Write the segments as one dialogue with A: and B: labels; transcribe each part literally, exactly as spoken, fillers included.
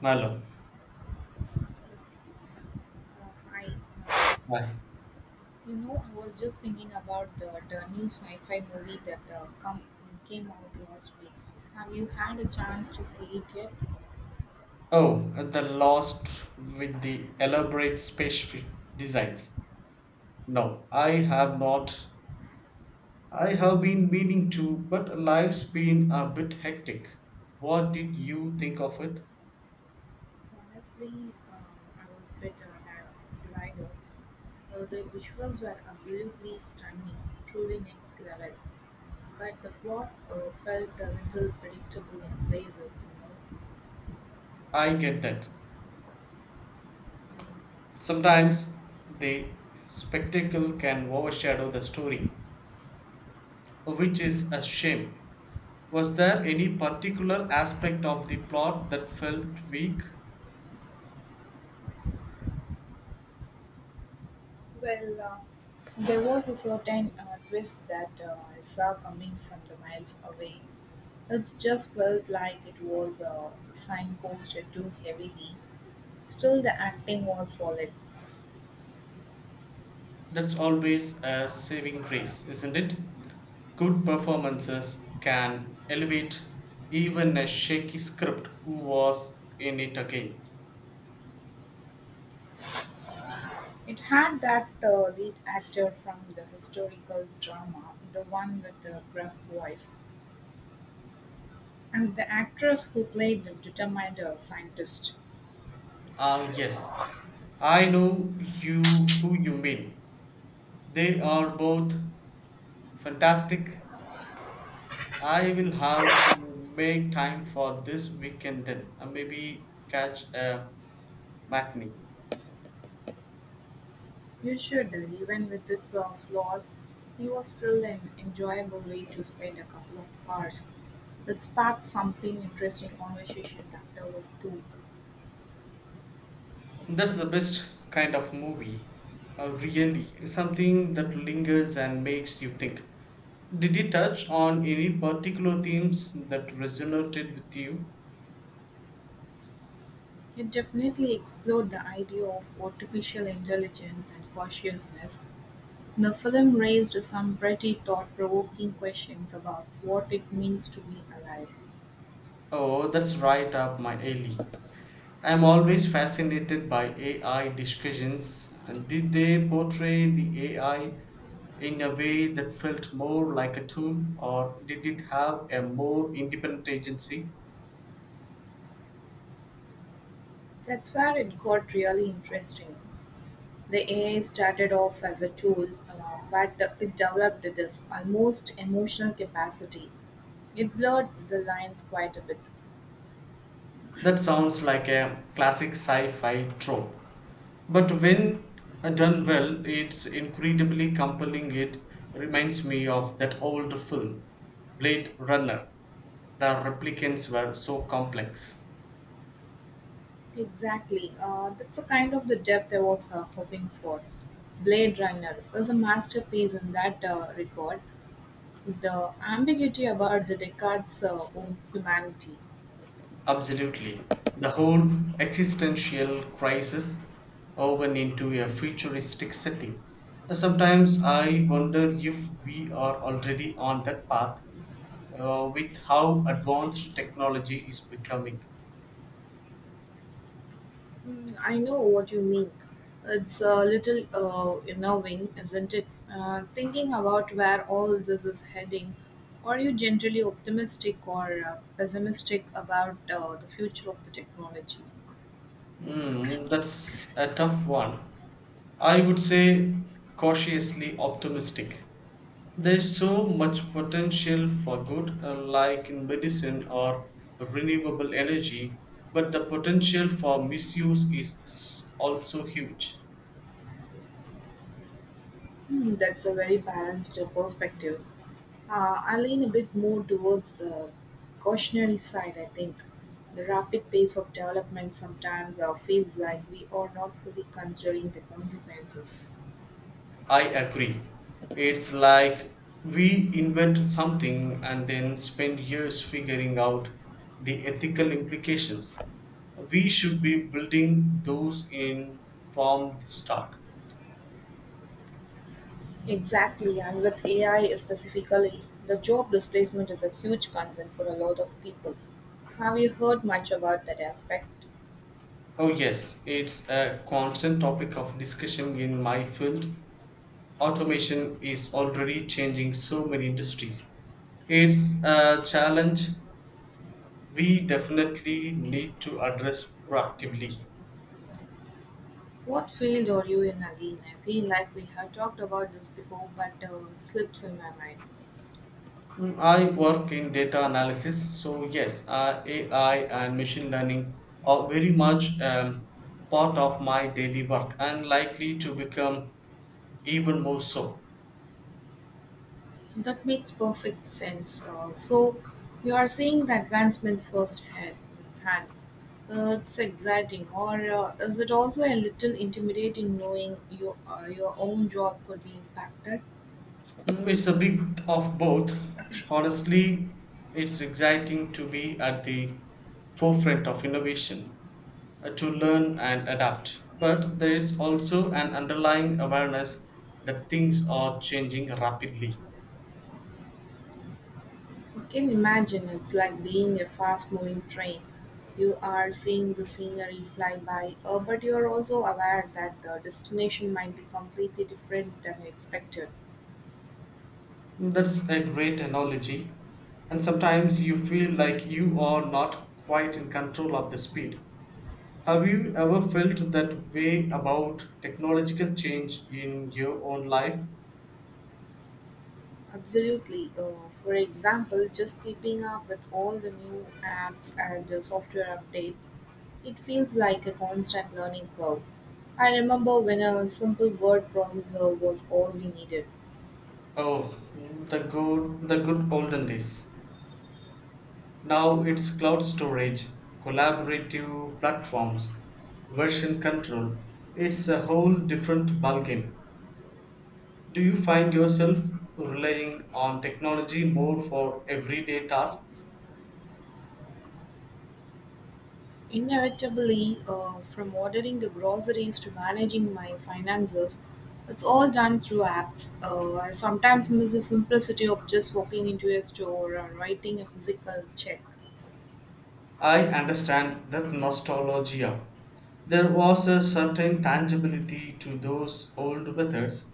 A: Malo.
B: Uh, Hi. Uh,
A: Yes.
B: you know, I was just thinking about the, the new sci-fi movie that uh, come, came out last week. Have you had a chance to see it yet?
A: Oh, uh, the lost with the elaborate spaceship designs. No, I have not. I have been meaning to, but life's been a bit hectic. What did you think of it?
B: Honestly, uh, I was a bit uh, di- divided. Uh, the visuals were absolutely stunning, truly next level. But the plot uh, felt a little predictable in places, you know.
A: I get that. Sometimes the spectacle can overshadow the story, which is a shame. Was there any particular aspect of the plot that felt weak?
B: Well, uh, there was a certain uh, twist that uh, I saw coming from the miles away. It just felt like it was uh, signposted too heavily. Still, the acting was solid.
A: That's always a saving grace, isn't it? Good performances can elevate even a shaky script. Who was in it again?
B: It had that uh, lead actor from the historical drama, the one with the gruff voice, and the actress who played the determined uh, scientist.
A: Ah, yes, I know you who you mean. They are both fantastic. I will have to make time for this weekend then, and maybe catch a matinee.
B: You should. Even with its uh, flaws, it was still an enjoyable way to spend a couple of hours. It sparked something interesting conversations afterward too.
A: That's the best kind of movie, uh, really. Something that lingers and makes you think. Did it touch on any particular themes that resonated with you?
B: It definitely explored the idea of artificial intelligence and consciousness. The film raised some pretty thought-provoking questions about what it means to be alive.
A: Oh, that's right up my alley. I'm always fascinated by A I discussions. And did they portray the A I in a way that felt more like a tool, or did it have a more independent agency?
B: That's where it got really interesting. The A I started off as a tool, uh, but it developed this almost emotional capacity. It blurred the lines quite a bit.
A: That sounds like a classic sci fi trope. But when done well, it's incredibly compelling. It reminds me of that old film, Blade Runner. The replicants were so complex.
B: Exactly. Uh, that's the kind of the depth I was uh, hoping for. Blade Runner is a masterpiece in that uh, regard. The ambiguity about the Descartes' uh, own humanity.
A: Absolutely. The whole existential crisis woven into a futuristic setting. Sometimes I wonder if we are already on that path, uh, with how advanced technology is becoming.
B: Mm, I know what you mean. It's a little uh, unnerving, isn't it? Uh, thinking about where all this is heading. Are you generally optimistic or uh, pessimistic about uh, the future of the technology?
A: Hmm, that's a tough one. I would say cautiously optimistic. There's so much potential for good, uh, like in medicine or renewable energy, but the potential for misuse is s- also huge.
B: Hmm, that's a very balanced uh, perspective. Uh, I lean a bit more towards the cautionary side, I think. The rapid pace of development sometimes uh, feels like we are not fully considering the consequences.
A: I agree. It's like we invent something and then spend years figuring out the ethical implications. We should be building those informed stock.
B: Exactly, and with A I specifically, the job displacement is a huge concern for a lot of people. Have you heard much about that aspect?
A: Oh, yes, it's a constant topic of discussion in my field. Automation is already changing so many industries. It's a challenge we definitely need to address proactively.
B: What field are you in again? I feel like we have talked about this before, but uh, it slips in my mind.
A: Mm, I work in data analysis, so yes, uh, A I and machine learning are very much um, part of my daily work and likely to become even more so.
B: That makes perfect sense. Uh, so, you are seeing the advancements firsthand. Hand. Uh, it's exciting, or uh, is it also a little intimidating knowing your uh, your own job could be impacted?
A: Mm. It's a bit of both. Honestly, it's exciting to be at the forefront of innovation, uh, to learn and adapt. But there is also an underlying awareness that things are changing rapidly.
B: You can imagine it's like being a fast moving train. You are seeing the scenery fly by, uh, but you are also aware that the destination might be completely different than you expected.
A: That's a great analogy. And sometimes you feel like you are not quite in control of the speed. Have you ever felt that way about technological change in your own life?
B: Absolutely. Uh, for example, just keeping up with all the new apps and uh, software updates, it feels like a constant learning curve. I remember when a simple word processor was all we needed.
A: Oh, the good, the good olden days. Now it's cloud storage, collaborative platforms, version control. It's a whole different ballgame. Do you find yourself relying on technology more for everyday tasks?
B: Inevitably, uh, from ordering the groceries to managing my finances, it's all done through apps. Uh, I sometimes miss the simplicity of just walking into a store or writing a physical check.
A: I understand that nostalgia. There was a certain tangibility to those old methods,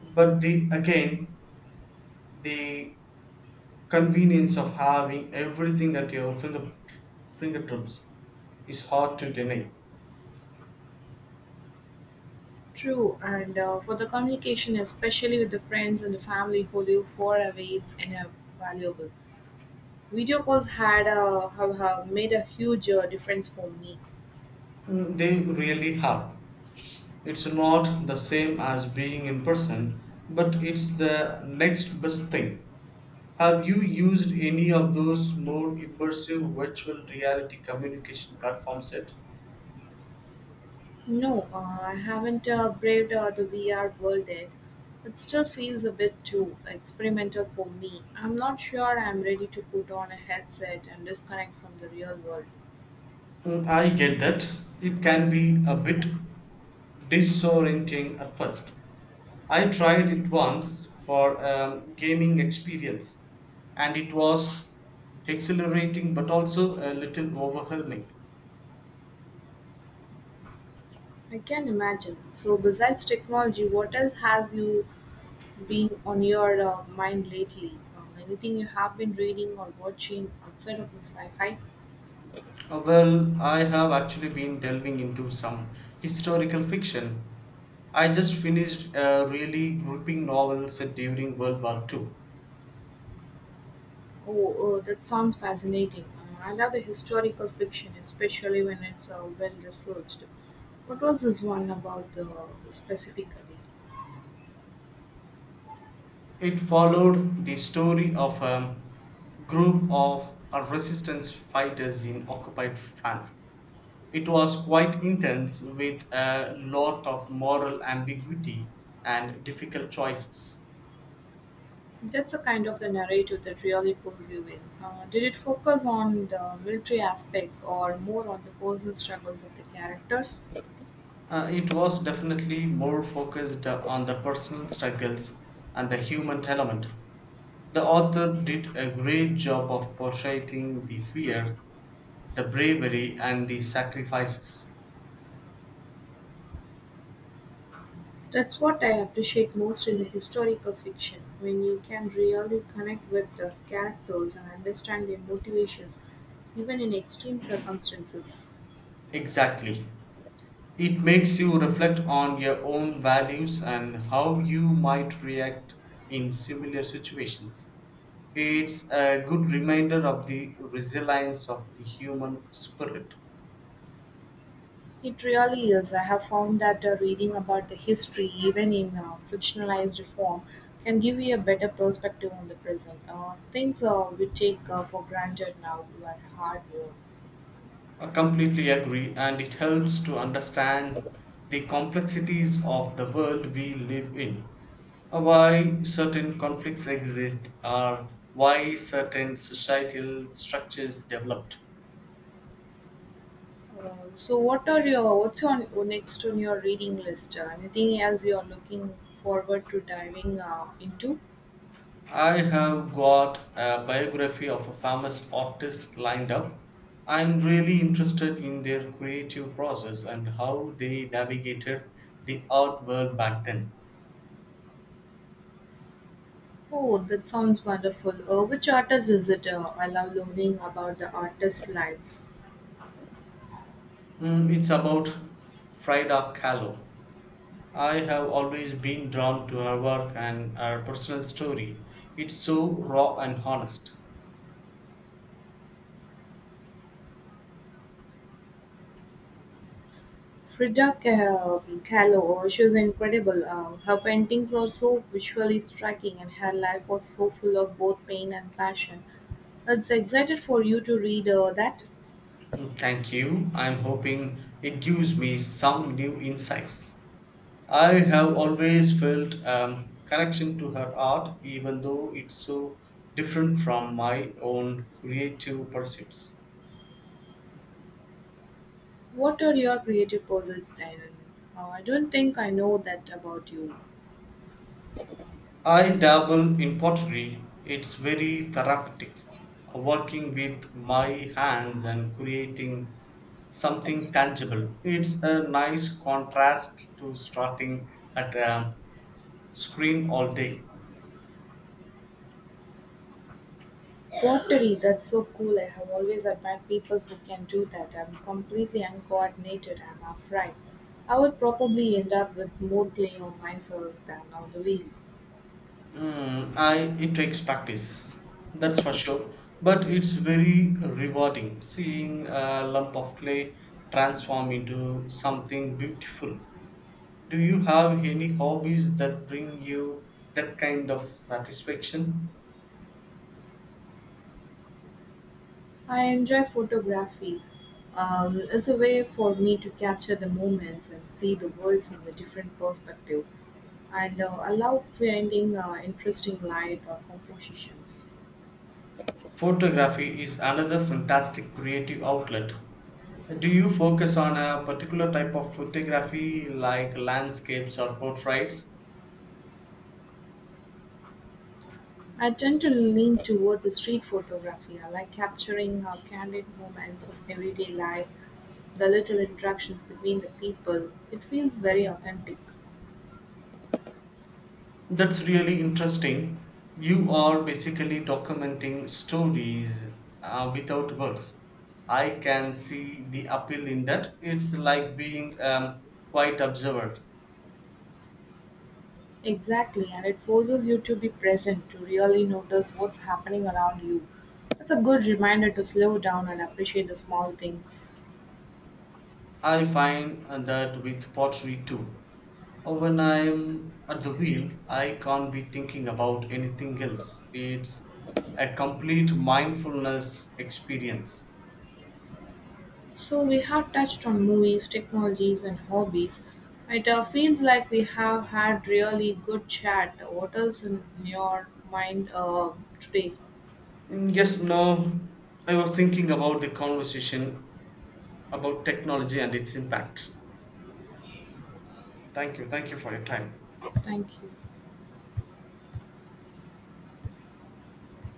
A: but the again the convenience of having everything at your finger, fingertips is hard to deny.
B: True, and uh, for the communication, especially with the friends and the family who live far away, it's invaluable. Video calls had uh, have, have made a huge uh, difference for me.
A: Mm. They really have. It's not the same as being in person, but it's the next best thing. Have you used any of those more immersive virtual reality communication platforms yet?
B: No, uh, I haven't uh, braved uh, the V R world yet. It still feels a bit too experimental for me. I'm not sure I'm ready to put on a headset and disconnect from the real world.
A: Mm, I get that. It can be a bit disorienting at first. I tried it once for a gaming experience and it was exhilarating but also a little overwhelming.
B: I can imagine. So, besides technology, what else has you been on your uh, mind lately? Uh, anything you have been reading or watching outside of the sci fi?
A: Uh, Well, I have actually been delving into some historical fiction. I just finished a really gripping novel set during World War Two.
B: Oh, uh, that sounds fascinating. Uh, I love the historical fiction, especially when it's uh, well researched. What was this one about uh, specifically?
A: It followed the story of a group of uh, resistance fighters in occupied France. It was quite intense with a lot of moral ambiguity and difficult choices.
B: That's a kind of the narrative that really pulls you in. Uh, did it focus on the military aspects or more on the personal struggles of the characters?
A: Uh, it was definitely more focused uh, on the personal struggles and the human element. The author did a great job of portraying the fear, the bravery, and the sacrifices.
B: That's what I appreciate most in the historical fiction, when you can really connect with the characters and understand their motivations, even in extreme circumstances.
A: Exactly. It makes you reflect on your own values and how you might react in similar situations. It's a good reminder of the resilience of the human spirit.
B: It really is. I have found that uh, reading about the history, even in uh, fictionalized form, can give you a better perspective on the present. Uh, things uh, we take uh, for granted now were hard work.
A: I completely agree, and it helps to understand the complexities of the world we live in. Why certain conflicts exist, or why certain societal structures developed.
B: Uh, so, what are your what's on next on your reading list? Uh, anything else you're looking forward to diving uh, into?
A: I have got a biography of a famous artist lined up. I'm really interested in their creative process and how they navigated the art world back then.
B: Oh, that sounds wonderful. Uh, which artist is it? Uh, I love learning about the artist lives.
A: Mm, it's about Frida Kahlo. I have always been drawn to her work and her personal story. It's so raw and honest.
B: Frida Ka- um, Kahlo, she's incredible. Uh, her paintings are so visually striking, and her life was so full of both pain and passion. It's excited for you to read uh, that.
A: Mm, thank you. I'm hoping it gives me some new insights. I have always felt a connection to her art, even though it's so different from my own creative pursuits.
B: What are your creative pursuits then? Uh, I don't think I know that about you.
A: I dabble in pottery, it's very therapeutic, uh, working with my hands and creating something tangible. It's a nice contrast to starting at a screen all day.
B: Pottery, that's so cool. I have always admired people who can do that. I'm completely uncoordinated, I'm afraid. I would probably end up with more clay on myself than on the wheel.
A: Mm, I It takes practice, that's for sure. But it's very rewarding seeing a lump of clay transform into something beautiful. Do you have any hobbies that bring you that kind of satisfaction?
B: I enjoy photography. Um, it's a way for me to capture the moments and see the world from a different perspective. And uh, I love finding uh, interesting light or compositions.
A: Photography is another fantastic creative outlet. Do you focus on a particular type of photography like landscapes or portraits?
B: I tend to lean toward the street photography. I like capturing uh, candid moments of everyday life, the little interactions between the people. It feels very authentic.
A: That's really interesting. You are basically documenting stories, uh, without words. I can see the appeal in that. It's like being um, quite observant.
B: Exactly, and it forces you to be present, to really notice what's happening around you. It's a good reminder to slow down and appreciate the small things.
A: I find uh, that with pottery too. Uh, When I'm at the wheel, I can't be thinking about anything else. It's a complete mindfulness experience.
B: So, we have touched on movies, technologies, and hobbies. It uh, feels like we have had really good chat. What is in your mind uh, today?
A: Mm, yes, no. I was thinking about the conversation about technology and its impact. Thank you. Thank you for your time.
B: Thank you.